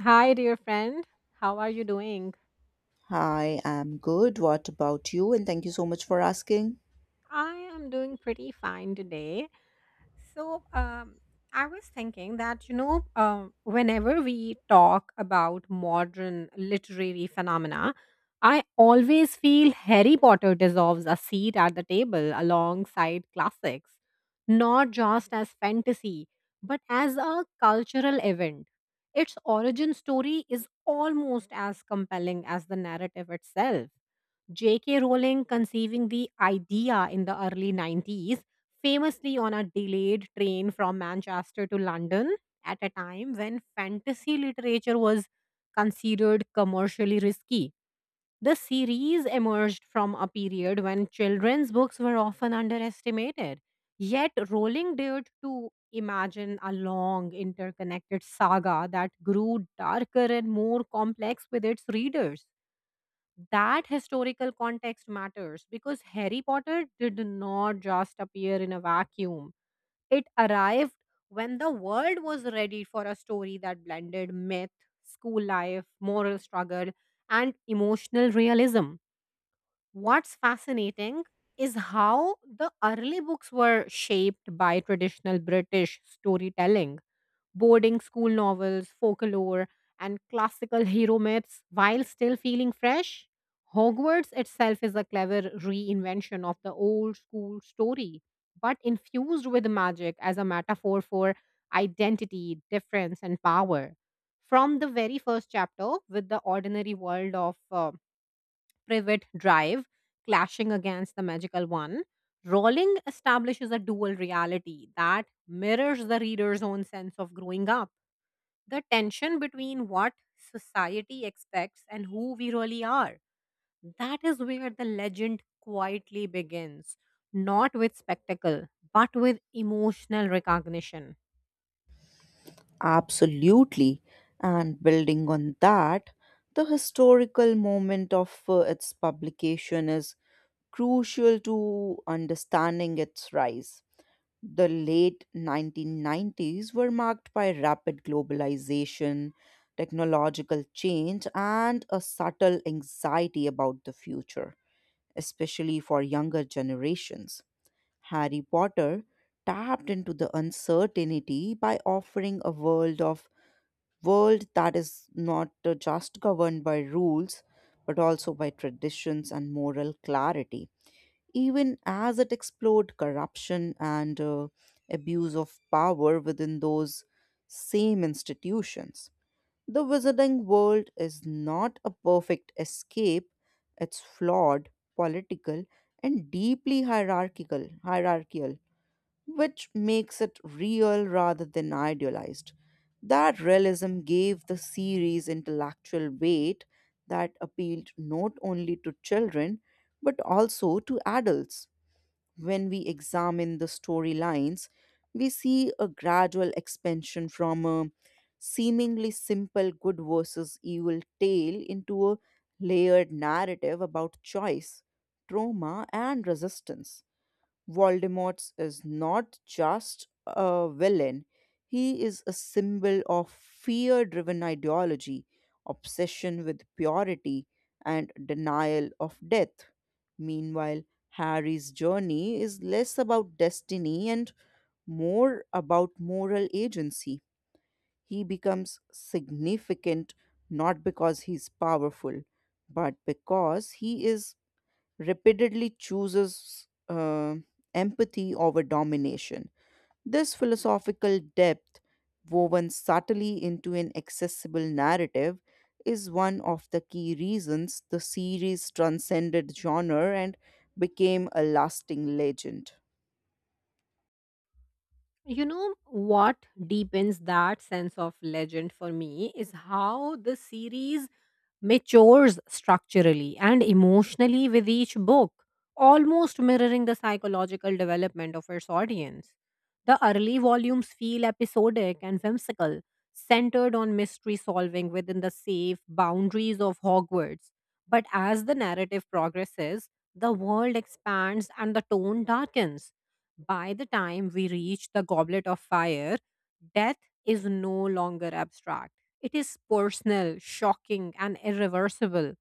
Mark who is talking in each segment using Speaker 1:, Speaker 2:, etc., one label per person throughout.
Speaker 1: Hi, dear friend. How are you doing?
Speaker 2: Hi, I'm good. What about you? And thank you so much for asking.
Speaker 1: I am doing pretty fine today. So, um, I was thinking that, whenever we talk about modern literary phenomena, I always feel Harry Potter deserves a seat at the table alongside classics, not just as fantasy, but as a cultural event. Its origin story is almost as compelling as the narrative itself. J.K. Rowling conceiving the idea in the early 90s, famously on a delayed train from Manchester to London at a time when fantasy literature was considered commercially risky. The series emerged from a period when children's books were often underestimated. Yet, Rowling dared to imagine a long, interconnected saga that grew darker and more complex with its readers. That historical context matters because Harry Potter did not just appear in a vacuum. It arrived when the world was ready for a story that blended myth, school life, moral struggle, and emotional realism. What's fascinating is how the early books were shaped by traditional British storytelling, boarding school novels, folklore, and classical hero myths while still feeling fresh. Hogwarts itself is a clever reinvention of the old school story, but infused with magic as a metaphor for identity, difference, and power. From the very first chapter, with the ordinary world of Privet Drive clashing against the magical one, Rowling establishes a dual reality that mirrors the reader's own sense of growing up, the tension between what society expects and who we really are. That is where the legend quietly begins, not with spectacle, but with emotional recognition.
Speaker 2: Absolutely. And building on that, the historical moment of its publication is crucial to understanding its rise. The late 1990s were marked by rapid globalization, technological change, and a subtle anxiety about the future, especially for younger generations. Harry Potter tapped into the uncertainty by offering a world of world that is not just governed by rules, but also by traditions and moral clarity, even as it explored corruption and abuse of power within those same institutions. The wizarding world is not a perfect escape. It's flawed, political, and deeply hierarchical, which makes it real rather than idealized. That realism gave the series intellectual weight that appealed not only to children but also to adults. When we examine the storylines, we see a gradual expansion from a seemingly simple good versus evil tale into a layered narrative about choice, trauma, and resistance. Voldemort is not just a villain, he is a symbol of fear driven ideology, obsession with purity, and denial of death. Meanwhile, Harry's journey is less about destiny and more about moral agency. He becomes significant not because he's powerful, but because he is repeatedly chooses empathy over domination. This philosophical depth, woven subtly into an accessible narrative, is one of the key reasons the series transcended genre and became a lasting legend.
Speaker 1: You know what deepens that sense of legend for me is how the series matures structurally and emotionally with each book, almost mirroring the psychological development of its audience. The early volumes feel episodic and whimsical, centered on mystery solving within the safe boundaries of Hogwarts. But as the narrative progresses, the world expands and the tone darkens. By the time we reach the Goblet of Fire, death is no longer abstract. It is personal, shocking, and irreversible.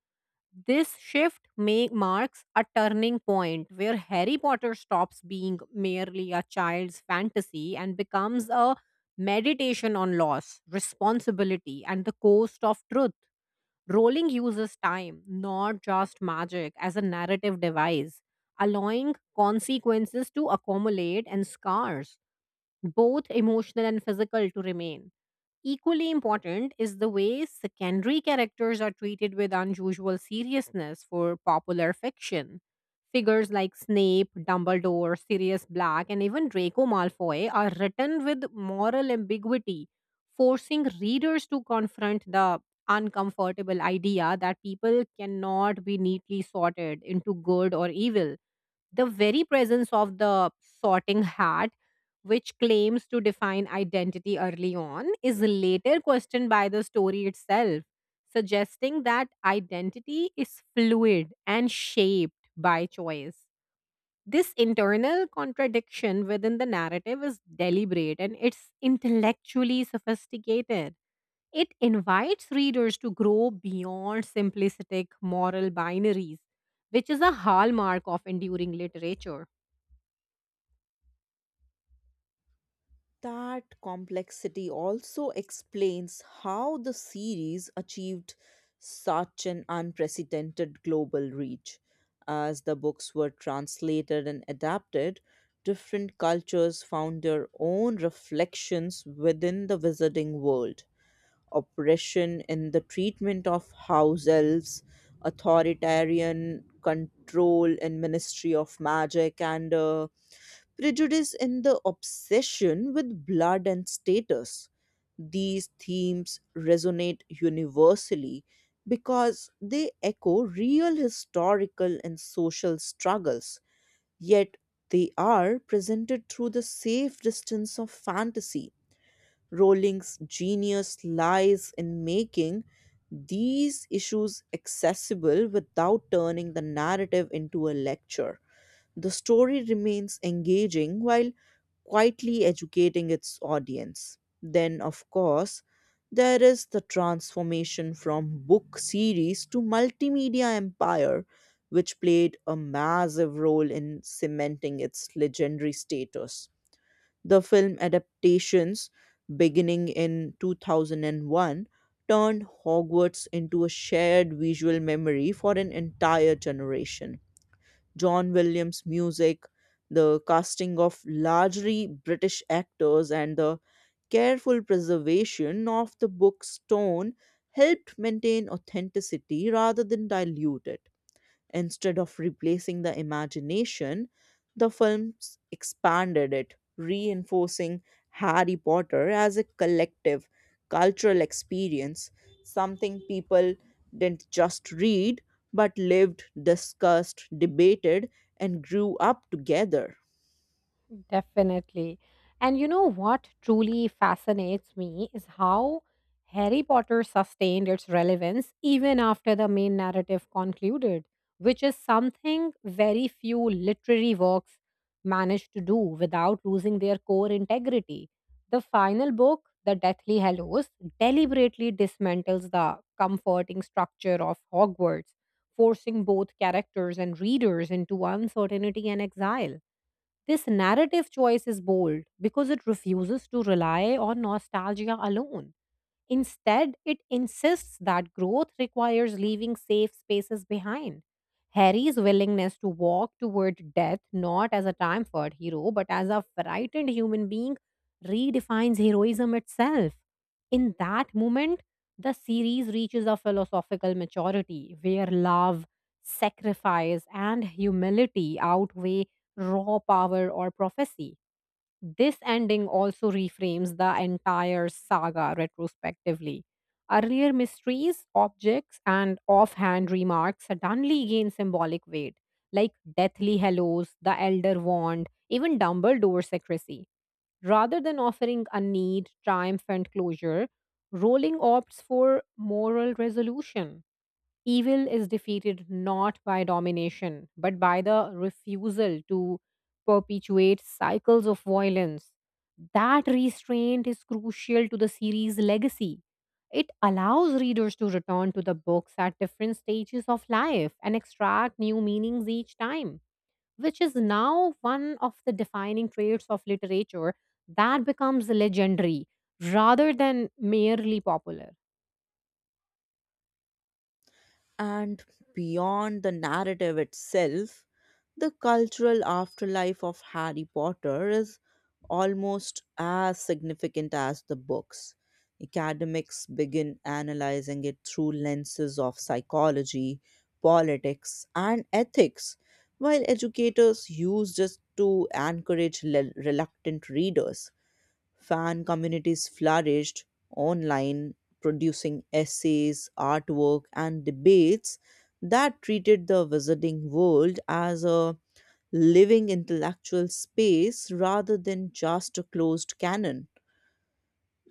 Speaker 1: This marks a turning point where Harry Potter stops being merely a child's fantasy and becomes a meditation on loss, responsibility, and the cost of truth. Rowling uses time, not just magic, as a narrative device, allowing consequences to accumulate and scars, both emotional and physical, to remain. Equally important is the way secondary characters are treated with unusual seriousness for popular fiction. Figures like Snape, Dumbledore, Sirius Black, and even Draco Malfoy are written with moral ambiguity, forcing readers to confront the uncomfortable idea that people cannot be neatly sorted into good or evil. The very presence of the sorting hat, which claims to define identity early on, is later questioned by the story itself, suggesting that identity is fluid and shaped by choice. This internal contradiction within the narrative is deliberate and it's intellectually sophisticated. It invites readers to grow beyond simplistic moral binaries, which is a hallmark of enduring literature.
Speaker 2: That complexity also explains how the series achieved such an unprecedented global reach. As the books were translated and adapted, different cultures found their own reflections within the wizarding world. Oppression in the treatment of house elves, authoritarian control in Ministry of Magic, and prejudice in the obsession with blood and status. These themes resonate universally because they echo real historical and social struggles, yet they are presented through the safe distance of fantasy. Rowling's genius lies in making these issues accessible without turning the narrative into a lecture. The story remains engaging while quietly educating its audience. Then, of course, there is the transformation from book series to multimedia empire, which played a massive role in cementing its legendary status. The film adaptations, beginning in 2001, turned Hogwarts into a shared visual memory for an entire generation. John Williams' music, the casting of largely British actors, and the careful preservation of the book's tone helped maintain authenticity rather than dilute it. Instead of replacing the imagination, the films expanded it, reinforcing Harry Potter as a collective cultural experience, something people didn't just read but lived, discussed, debated, and grew up together.
Speaker 1: Definitely. And you know what truly fascinates me is how Harry Potter sustained its relevance even after the main narrative concluded, which is something very few literary works manage to do without losing their core integrity. The final book, The Deathly Hallows, deliberately dismantles the comforting structure of Hogwarts, forcing both characters and readers into uncertainty and exile. This narrative choice is bold because it refuses to rely on nostalgia alone. Instead, it insists that growth requires leaving safe spaces behind. Harry's willingness to walk toward death, not as a time-fought hero but as a frightened human being, redefines heroism itself. In that moment, the series reaches a philosophical maturity where love, sacrifice, and humility outweigh raw power or prophecy. This ending also reframes the entire saga retrospectively. Earlier mysteries, objects, and offhand remarks suddenly gain symbolic weight, like deathly Hallows, the elder wand, even Dumbledore's secrecy. Rather than offering a neat, triumphant closure, Rowling opts for moral resolution. Evil is defeated not by domination, but by the refusal to perpetuate cycles of violence. That restraint is crucial to the series' legacy. It allows readers to return to the books at different stages of life and extract new meanings each time, which is now one of the defining traits of literature that becomes legendary rather than merely popular.
Speaker 2: And beyond the narrative itself, the cultural afterlife of Harry Potter is almost as significant as the books. Academics begin analyzing it through lenses of psychology, politics, and ethics, while educators use this to encourage reluctant readers. Fan communities flourished online, producing essays, artwork, and debates that treated the wizarding world as a living intellectual space rather than just a closed canon.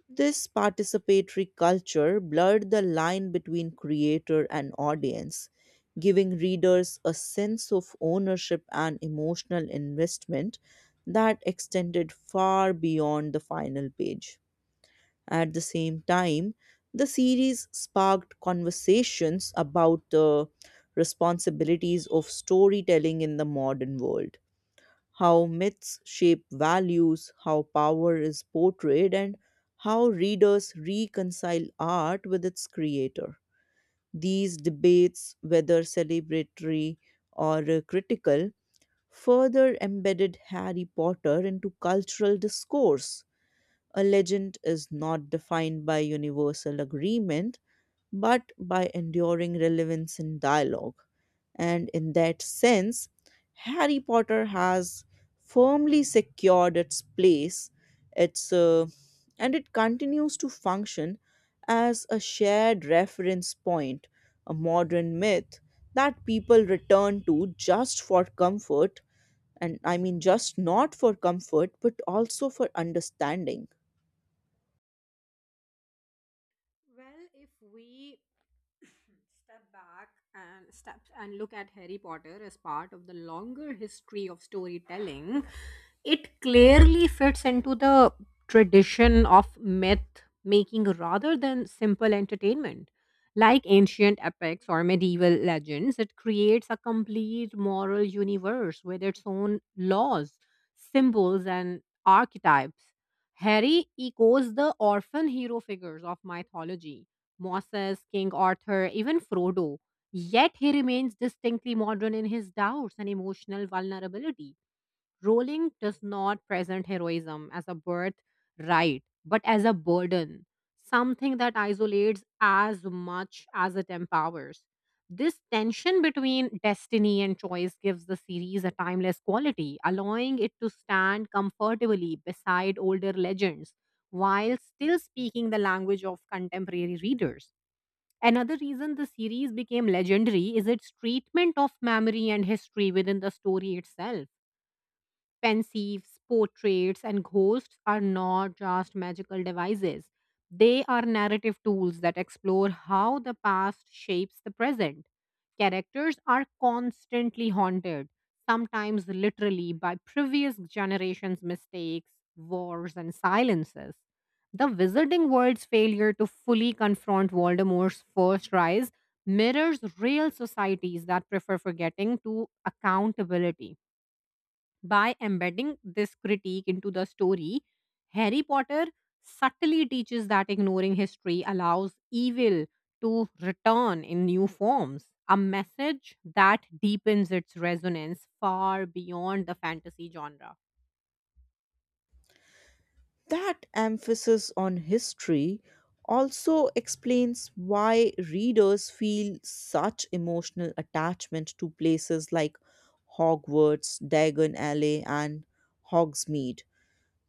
Speaker 2: This participatory culture blurred the line between creator and audience, giving readers a sense of ownership and emotional investment that extended far beyond the final page. At the same time, the series sparked conversations about the responsibilities of storytelling in the modern world, how myths shape values, how power is portrayed, and how readers reconcile art with its creator. These debates, whether celebratory or critical, further embedded Harry Potter into cultural discourse. A legend is not defined by universal agreement, but by enduring relevance in dialogue. And in that sense, Harry Potter has firmly secured its place, its, uh, and it continues to function as a shared reference point, a modern myth that people return to just for comfort, and I mean just not for comfort, but also for understanding.
Speaker 1: Well, if we step back and look at Harry Potter as part of the longer history of storytelling, it clearly fits into the tradition of myth making rather than simple entertainment. Like ancient epics or medieval legends, it creates a complete moral universe with its own laws, symbols, and archetypes. Harry echoes the orphan hero figures of mythology, Moses, King Arthur, even Frodo. Yet he remains distinctly modern in his doubts and emotional vulnerability. Rolling does not present heroism as a birthright, but as a burden, something that isolates as much as it empowers. This tension between destiny and choice gives the series a timeless quality, allowing it to stand comfortably beside older legends while still speaking the language of contemporary readers. Another reason the series became legendary is its treatment of memory and history within the story itself. Pensieves, portraits, and ghosts are not just magical devices. They are narrative tools that explore how the past shapes the present. Characters are constantly haunted, sometimes literally by previous generations' mistakes, wars, and silences. The Wizarding World's failure to fully confront Voldemort's first rise mirrors real societies that prefer forgetting to accountability. By embedding this critique into the story, Harry Potter subtly teaches that ignoring history allows evil to return in new forms, a message that deepens its resonance far beyond the fantasy genre.
Speaker 2: That emphasis on history also explains why readers feel such emotional attachment to places like Hogwarts, Diagon Alley, and Hogsmeade.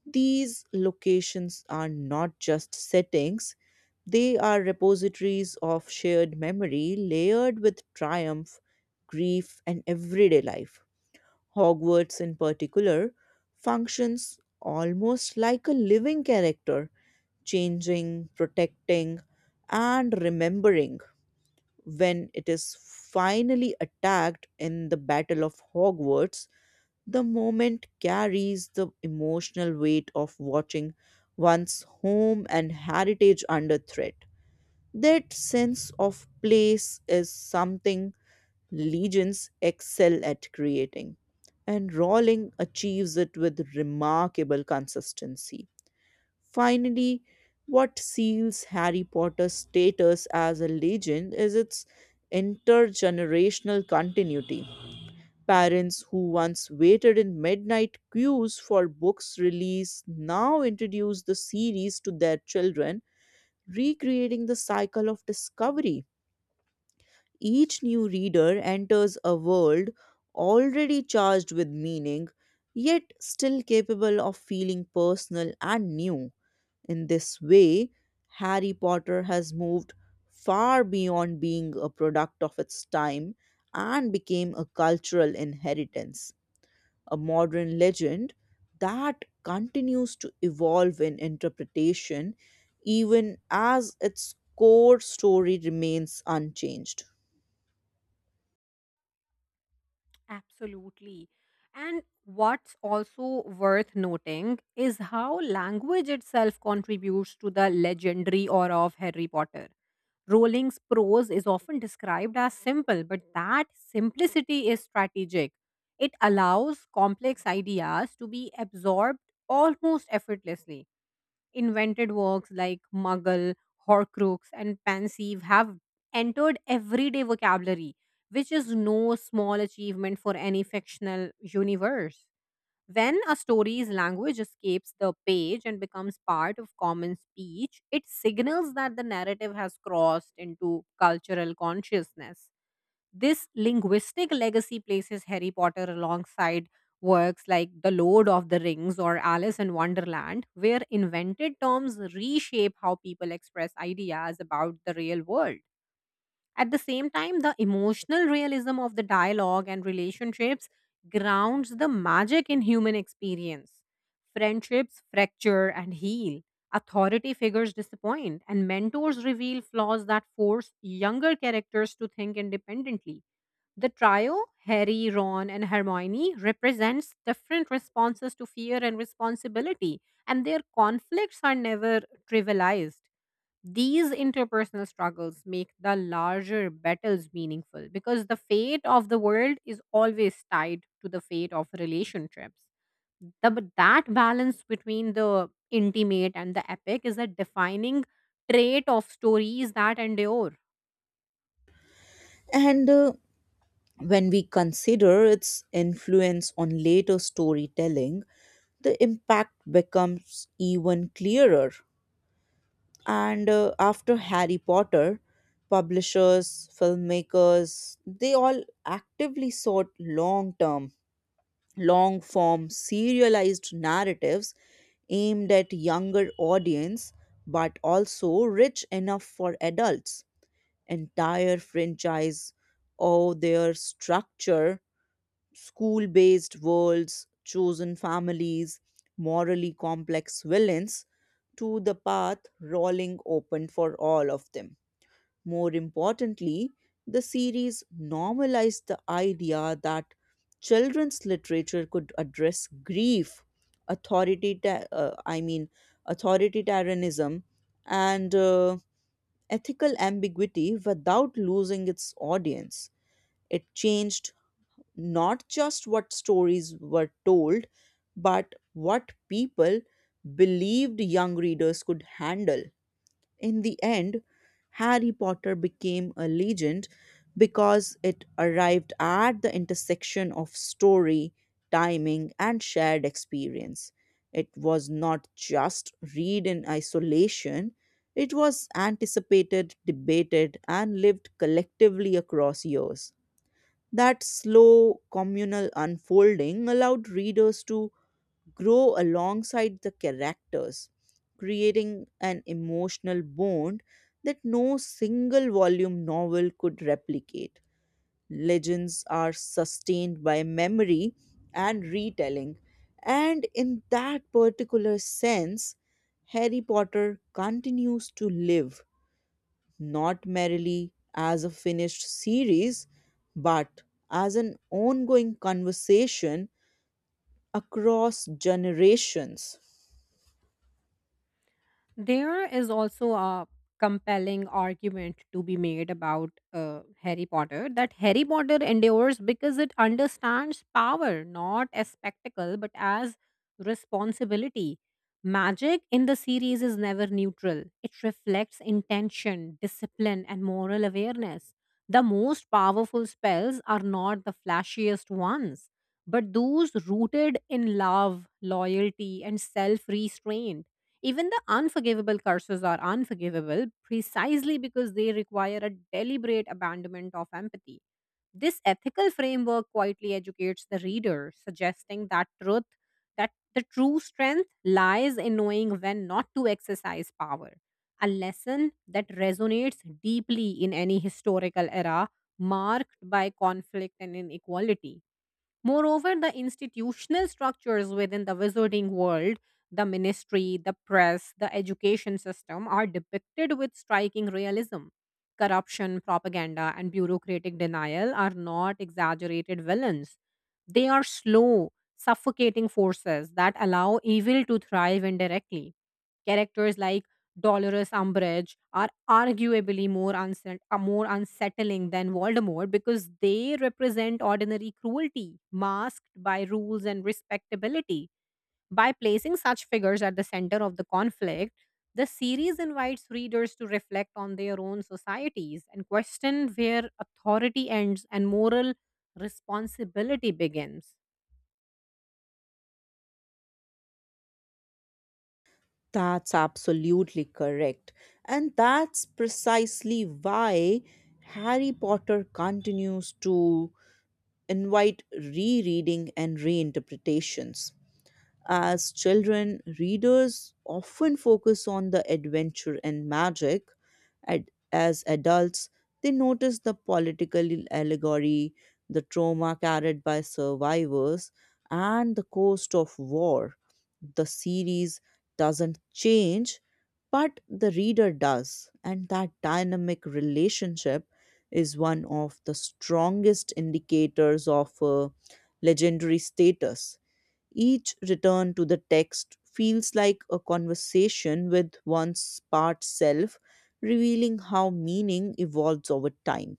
Speaker 2: These locations are not just settings, they are repositories of shared memory layered with triumph, grief, and everyday life. Hogwarts, in particular, functions almost like a living character, changing, protecting, and remembering. When it is finally attacked in the Battle of Hogwarts, the moment carries the emotional weight of watching one's home and heritage under threat. That sense of place is something legends excel at creating, and Rowling achieves it with remarkable consistency. Finally, what seals Harry Potter's status as a legend is its intergenerational continuity. Parents who once waited in midnight queues for books release now introduce the series to their children, recreating the cycle of discovery. Each new reader enters a world already charged with meaning, yet still capable of feeling personal and new. In this way, Harry Potter has moved far beyond being a product of its time and became a cultural inheritance, a modern legend that continues to evolve in interpretation even as its core story remains unchanged.
Speaker 1: Absolutely. And what's also worth noting is how language itself contributes to the legendary aura of Harry Potter. Rowling's prose is often described as simple, but that simplicity is strategic. It allows complex ideas to be absorbed almost effortlessly. Invented works like Muggle, Horcrux, and Pensieve have entered everyday vocabulary, which is no small achievement for any fictional universe. When a story's language escapes the page and becomes part of common speech, it signals that the narrative has crossed into cultural consciousness. This linguistic legacy places Harry Potter alongside works like The Lord of the Rings or Alice in Wonderland, where invented terms reshape how people express ideas about the real world. At the same time, the emotional realism of the dialogue and relationships grounds the magic in human experience. Friendships fracture and heal, authority figures disappoint, and mentors reveal flaws that force younger characters to think independently. The trio, Harry, Ron, and Hermione, represents different responses to fear and responsibility, and their conflicts are never trivialized. These interpersonal struggles make the larger battles meaningful because the fate of the world is always tied to the fate of relationships. But that balance between the intimate and the epic is a defining trait of stories that endure.
Speaker 2: And When we consider its influence on later storytelling, the impact becomes even clearer. And After Harry Potter, publishers, filmmakers, they all actively sought long term, long form, serialized narratives aimed at younger audience but also rich enough for adults. Entire franchise or their structure school based worlds, chosen families, morally complex villains, to the path rolling open for all of them. More importantly, the series normalized the idea that children's literature could address grief, authority, I mean, authoritarianism, and ethical ambiguity without losing its audience. It changed not just what stories were told, but what people believed young readers could handle. In the end, Harry Potter became a legend because it arrived at the intersection of story, timing, and shared experience. It was not just read in isolation, it was anticipated, debated, and lived collectively across years. That slow communal unfolding allowed readers to grow alongside the characters, creating an emotional bond that no single volume novel could replicate. Legends are sustained by memory and retelling, and in that particular sense, Harry Potter continues to live not merely as a finished series, but as an ongoing conversation across generations.
Speaker 1: There is also a compelling argument to be made about Harry Potter, that Harry Potter endures because it understands power not as spectacle but as responsibility. Magic in the series is never neutral, it reflects intention, discipline, and moral awareness. The most powerful spells are not the flashiest ones, but those rooted in love, loyalty, and self restraint. Even the unforgivable curses are unforgivable precisely because they require a deliberate abandonment of empathy. This ethical framework quietly educates the reader, suggesting that the true strength lies in knowing when not to exercise power. A lesson that resonates deeply in any historical era marked by conflict and inequality. Moreover, the institutional structures within the wizarding world, the ministry, the press, the education system, are depicted with striking realism. Corruption, propaganda, and bureaucratic denial are not exaggerated villains. They are slow, suffocating forces that allow evil to thrive indirectly. Characters like Dolores Umbridge are more unsettling than Voldemort because they represent ordinary cruelty masked by rules and respectability. By placing such figures at the center of the conflict, the series invites readers to reflect on their own societies and question where authority ends and moral responsibility begins.
Speaker 2: That's absolutely correct. And that's precisely why Harry Potter continues to invite rereading and reinterpretations. As children, readers often focus on the adventure and magic. As adults, they notice the political allegory, the trauma carried by survivors, and the cost of war. The series doesn't change, but the reader does, and that dynamic relationship is one of the strongest indicators of legendary status. Each return to the text feels like a conversation with one's part self, revealing how meaning evolves over time.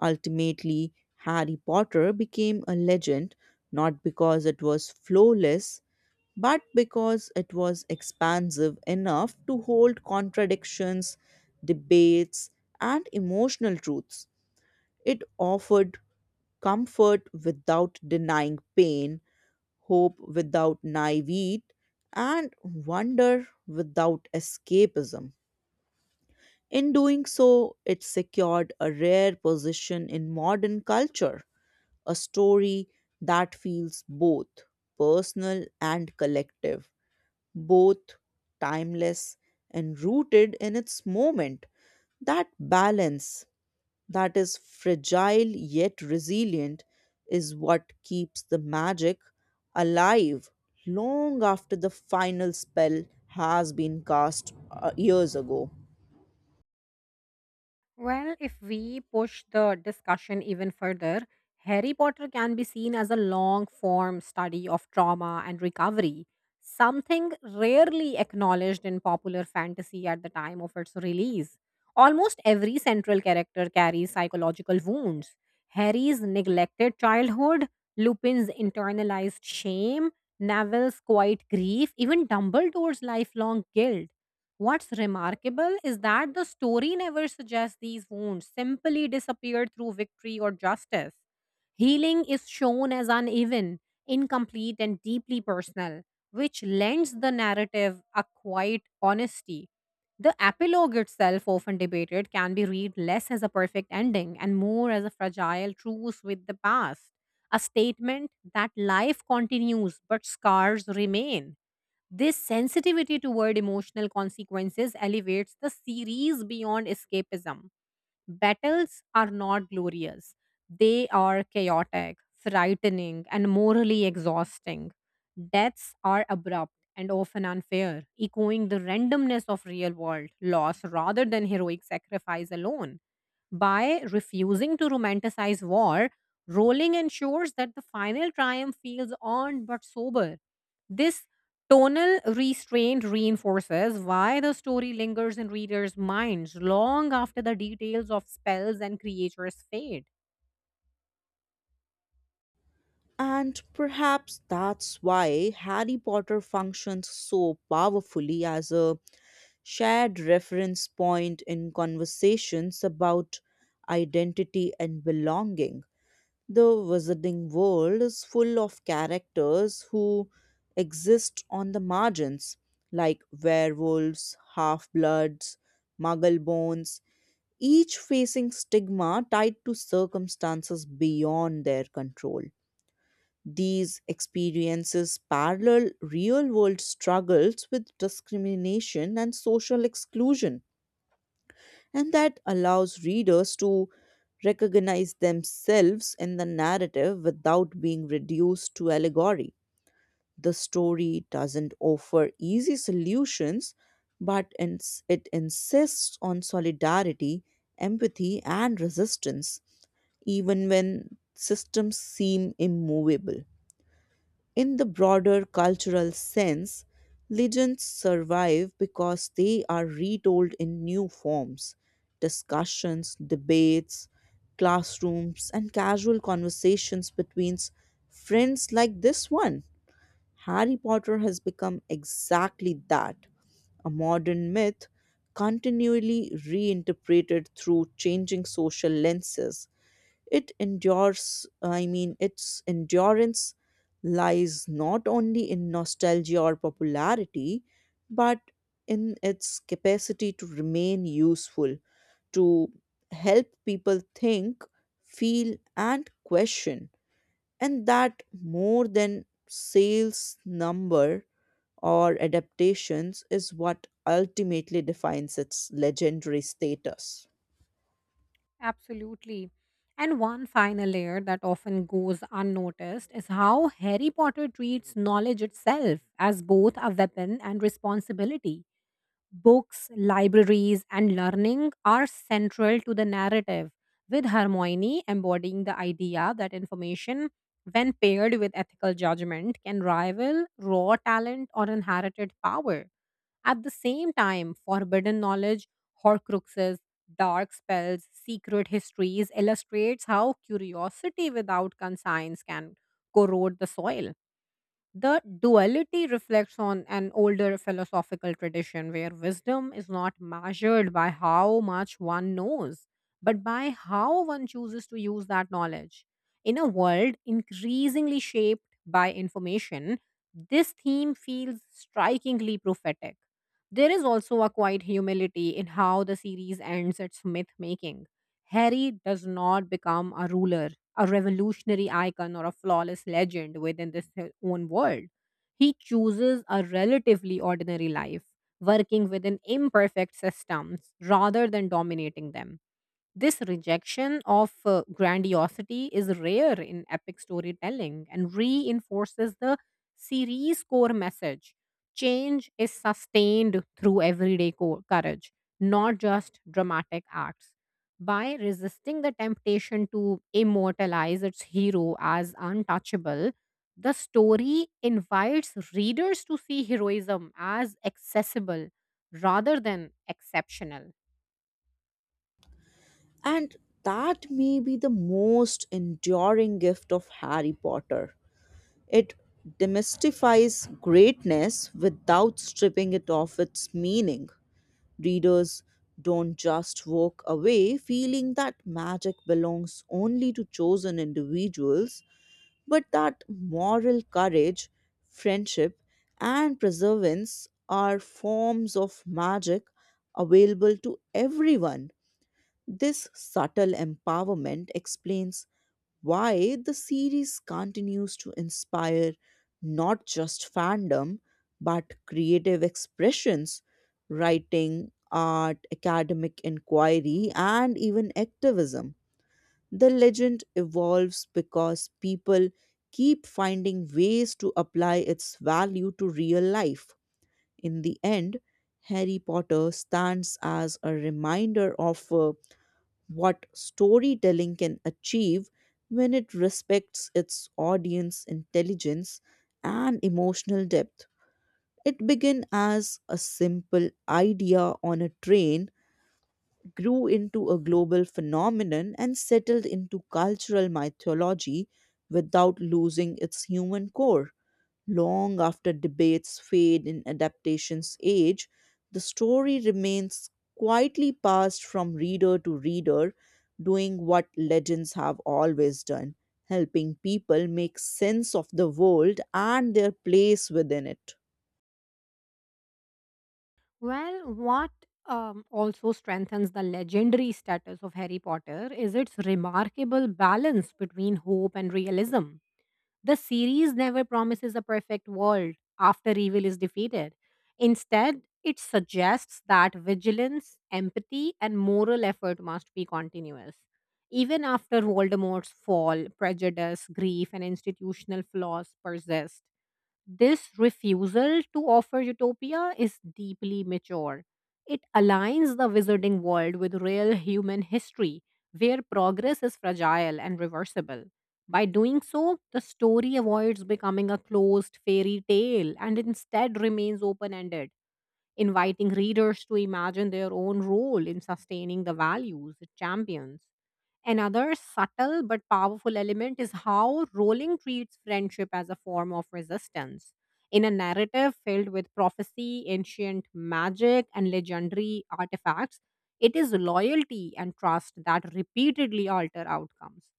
Speaker 2: Ultimately, Harry Potter became a legend not because it was flawless, but because it was expansive enough to hold contradictions, debates, and emotional truths. It offered comfort without denying pain, hope without naivete, and wonder without escapism. In doing so, it secured a rare position in modern culture, a story that feels both personal and collective, both timeless and rooted in its moment. That balance that is fragile yet resilient is what keeps the magic alive long after the final spell has been cast years ago.
Speaker 1: Well, if we push the discussion even further, Harry Potter can be seen as a long form study of trauma and recovery, something rarely acknowledged in popular fantasy at the time of its release. Almost every central character carries psychological wounds. Harry's neglected childhood, Lupin's internalized shame, Neville's quiet grief, even Dumbledore's lifelong guilt. What's remarkable is that the story never suggests these wounds simply disappeared through victory or justice. Healing is shown as uneven, incomplete, and deeply personal, which lends the narrative a quiet honesty. The epilogue itself, often debated, can be read less as a perfect ending and more as a fragile truce with the past, a statement that life continues but scars remain. This sensitivity toward emotional consequences elevates the series beyond escapism. Battles are not glorious, they are chaotic, frightening, and morally exhausting. Deaths are abrupt and often unfair, echoing the randomness of real world loss rather than heroic sacrifice alone. By refusing to romanticize war, Rowling ensures that the final triumph feels earned but sober. This tonal restraint reinforces why the story lingers in readers' minds long after the details of spells and creatures fade.
Speaker 2: And perhaps that's why Harry Potter functions so powerfully as a shared reference point in conversations about identity and belonging. The Wizarding World is full of characters who exist on the margins, like werewolves, half bloods, muggle bones, each facing stigma tied to circumstances beyond their control. These experiences parallel real world struggles with discrimination and social exclusion, and that allows readers to recognize themselves in the narrative without being reduced to allegory. The story doesn't offer easy solutions, but it insists on solidarity, empathy, and resistance, even when systems seem immovable. In the broader cultural sense, legends survive because they are retold in new forms discussions, debates, classrooms, and casual conversations between friends like this one. Harry Potter has become exactly that, a modern myth continually reinterpreted through changing social lenses. It endures, I mean, its endurance lies not only in nostalgia or popularity, but in its capacity to remain useful, to help people think, feel, and question. And that more than sales number or adaptations is what ultimately defines its legendary status.
Speaker 1: Absolutely. And one final layer that often goes unnoticed is how Harry Potter treats knowledge itself as both a weapon and responsibility. Books, libraries, and learning are central to the narrative, with Hermione embodying the idea that information, when paired with ethical judgment, can rival raw talent or inherited power. At the same time, forbidden knowledge, horcruxes, dark spells, secret histories illustrates how curiosity without conscience can corrode the soil. The duality reflects on an older philosophical tradition where wisdom is not measured by how much one knows, but by how one chooses to use that knowledge. In a world increasingly shaped by information, this theme feels strikingly prophetic. There is also a quiet humility in how the series ends its myth making. Harry does not become a ruler, a revolutionary icon, or a flawless legend within this his own world. He chooses a relatively ordinary life, working within imperfect systems rather than dominating them. This rejection of grandiosity is rare in epic storytelling and reinforces the series' core message. Change is sustained through courage, not just dramatic acts. By resisting the temptation to immortalize its hero as untouchable, the story invites readers to see heroism as accessible rather than exceptional.
Speaker 2: And that may be the most enduring gift of Harry Potter. It demystifies greatness without stripping it of its meaning. Readers don't just walk away feeling that magic belongs only to chosen individuals, but that moral courage, friendship, and perseverance are forms of magic available to everyone. This subtle empowerment explains why the series continues to inspire not just fandom, but creative expressions, writing, art, academic inquiry, and even activism. The legend evolves because people keep finding ways to apply its value to real life. In the end, Harry Potter stands as a reminder of what storytelling can achieve when it respects its audience intelligence and emotional depth. It began as a simple idea on a train, grew into a global phenomenon, and settled into cultural mythology without losing its human core. Long after debates fade in adaptations age, the story remains quietly passed from reader to reader, doing what legends have always done, helping people make sense of the world and their place within it.
Speaker 1: Well, what also strengthens the legendary status of Harry Potter is its remarkable balance between hope and realism. The series never promises a perfect world after evil is defeated. Instead, it suggests that vigilance, empathy, and moral effort must be continuous. Even after Voldemort's fall, prejudice, grief, and institutional flaws persist. This refusal to offer utopia is deeply mature. It aligns the wizarding world with real human history, where progress is fragile and reversible. By doing so, the story avoids becoming a closed fairy tale and instead remains open ended, inviting readers to imagine their own role in sustaining the values it champions. Another subtle but powerful element is how Rowling treats friendship as a form of resistance. In a narrative filled with prophecy, ancient magic, and legendary artifacts, it is loyalty and trust that repeatedly alter outcomes.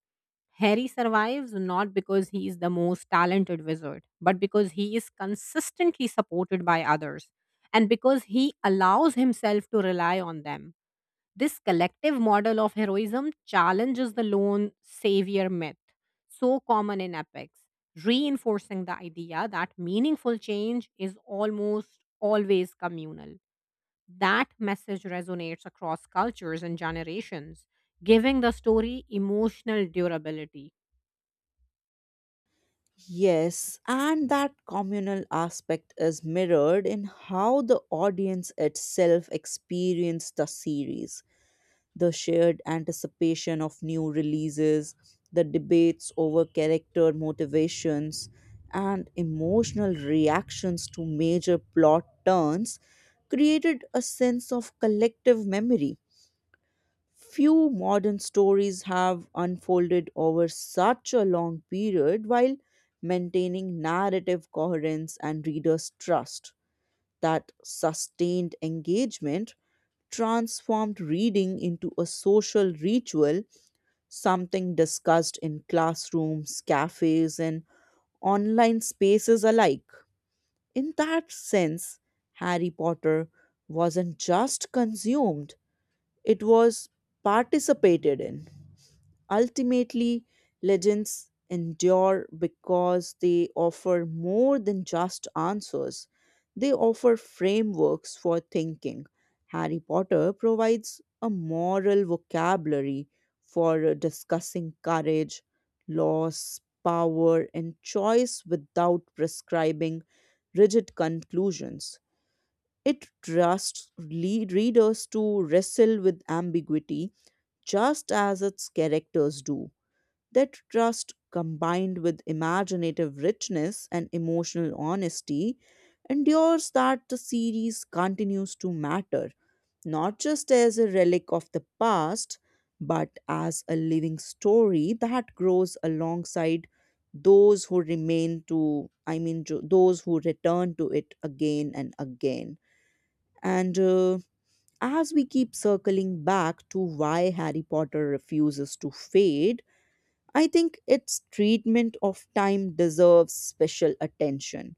Speaker 1: Harry survives not because he is the most talented wizard, but because he is consistently supported by others and because he allows himself to rely on them. This collective model of heroism challenges the lone savior myth, so common in epics, reinforcing the idea that meaningful change is almost always communal. That message resonates across cultures and generations, giving the story emotional durability.
Speaker 2: Yes, and that communal aspect is mirrored in how the audience itself experienced the series. The shared anticipation of new releases, the debates over character motivations, and emotional reactions to major plot turns created a sense of collective memory. Few modern stories have unfolded over such a long period while maintaining narrative coherence and readers' trust. That sustained engagement transformed reading into a social ritual, something discussed in classrooms, cafes, and online spaces alike. In that sense, Harry Potter wasn't just consumed, it was participated in. Ultimately, legends endure because they offer more than just answers, they offer frameworks for thinking. Harry Potter provides a moral vocabulary for discussing courage, loss, power, and choice without prescribing rigid conclusions. It trusts readers to wrestle with ambiguity just as its characters do. That trust, combined with imaginative richness and emotional honesty, endures that the series continues to matter, not just as a relic of the past, but as a living story that grows alongside those who remain to, I mean, those who return to it again and again. And As we keep circling back to why Harry Potter refuses to fade, I think its treatment of time deserves special attention.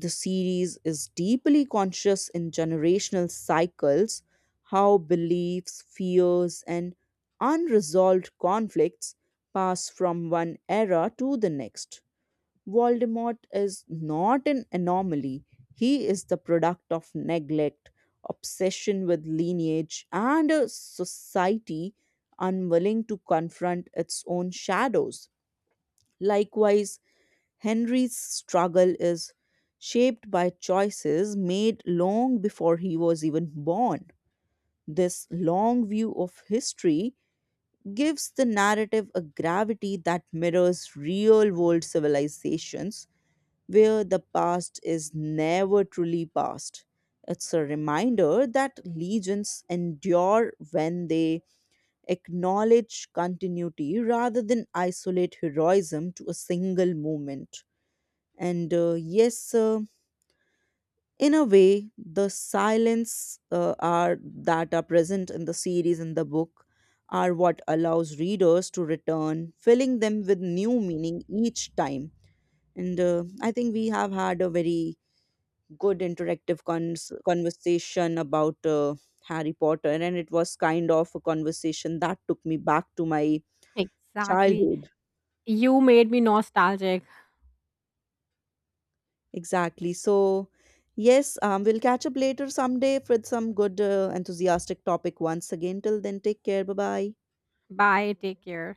Speaker 2: The series is deeply conscious in generational cycles, how beliefs, fears, and unresolved conflicts pass from one era to the next. Voldemort is not an anomaly, he is the product of neglect, obsession with lineage, and a society unwilling to confront its own shadows. Likewise, Henry's struggle is shaped by choices made long before he was even born. This long view of history gives the narrative a gravity that mirrors real world civilizations where the past is never truly past. It's a reminder that legions endure when they acknowledge continuity rather than isolate heroism to a single moment. And yes In a way the silence are that are present in the series and the book are what allows readers to return filling them with new meaning each time. And I think we have had a very good interactive conversation about harry potter, and it was kind of a conversation that took me back to my
Speaker 1: Exactly.
Speaker 2: childhood.
Speaker 1: You made me nostalgic.
Speaker 2: Exactly. So, yes, we'll catch up later someday with some good, enthusiastic topic once again. Till then, take care. Bye bye.
Speaker 1: Bye. Take care.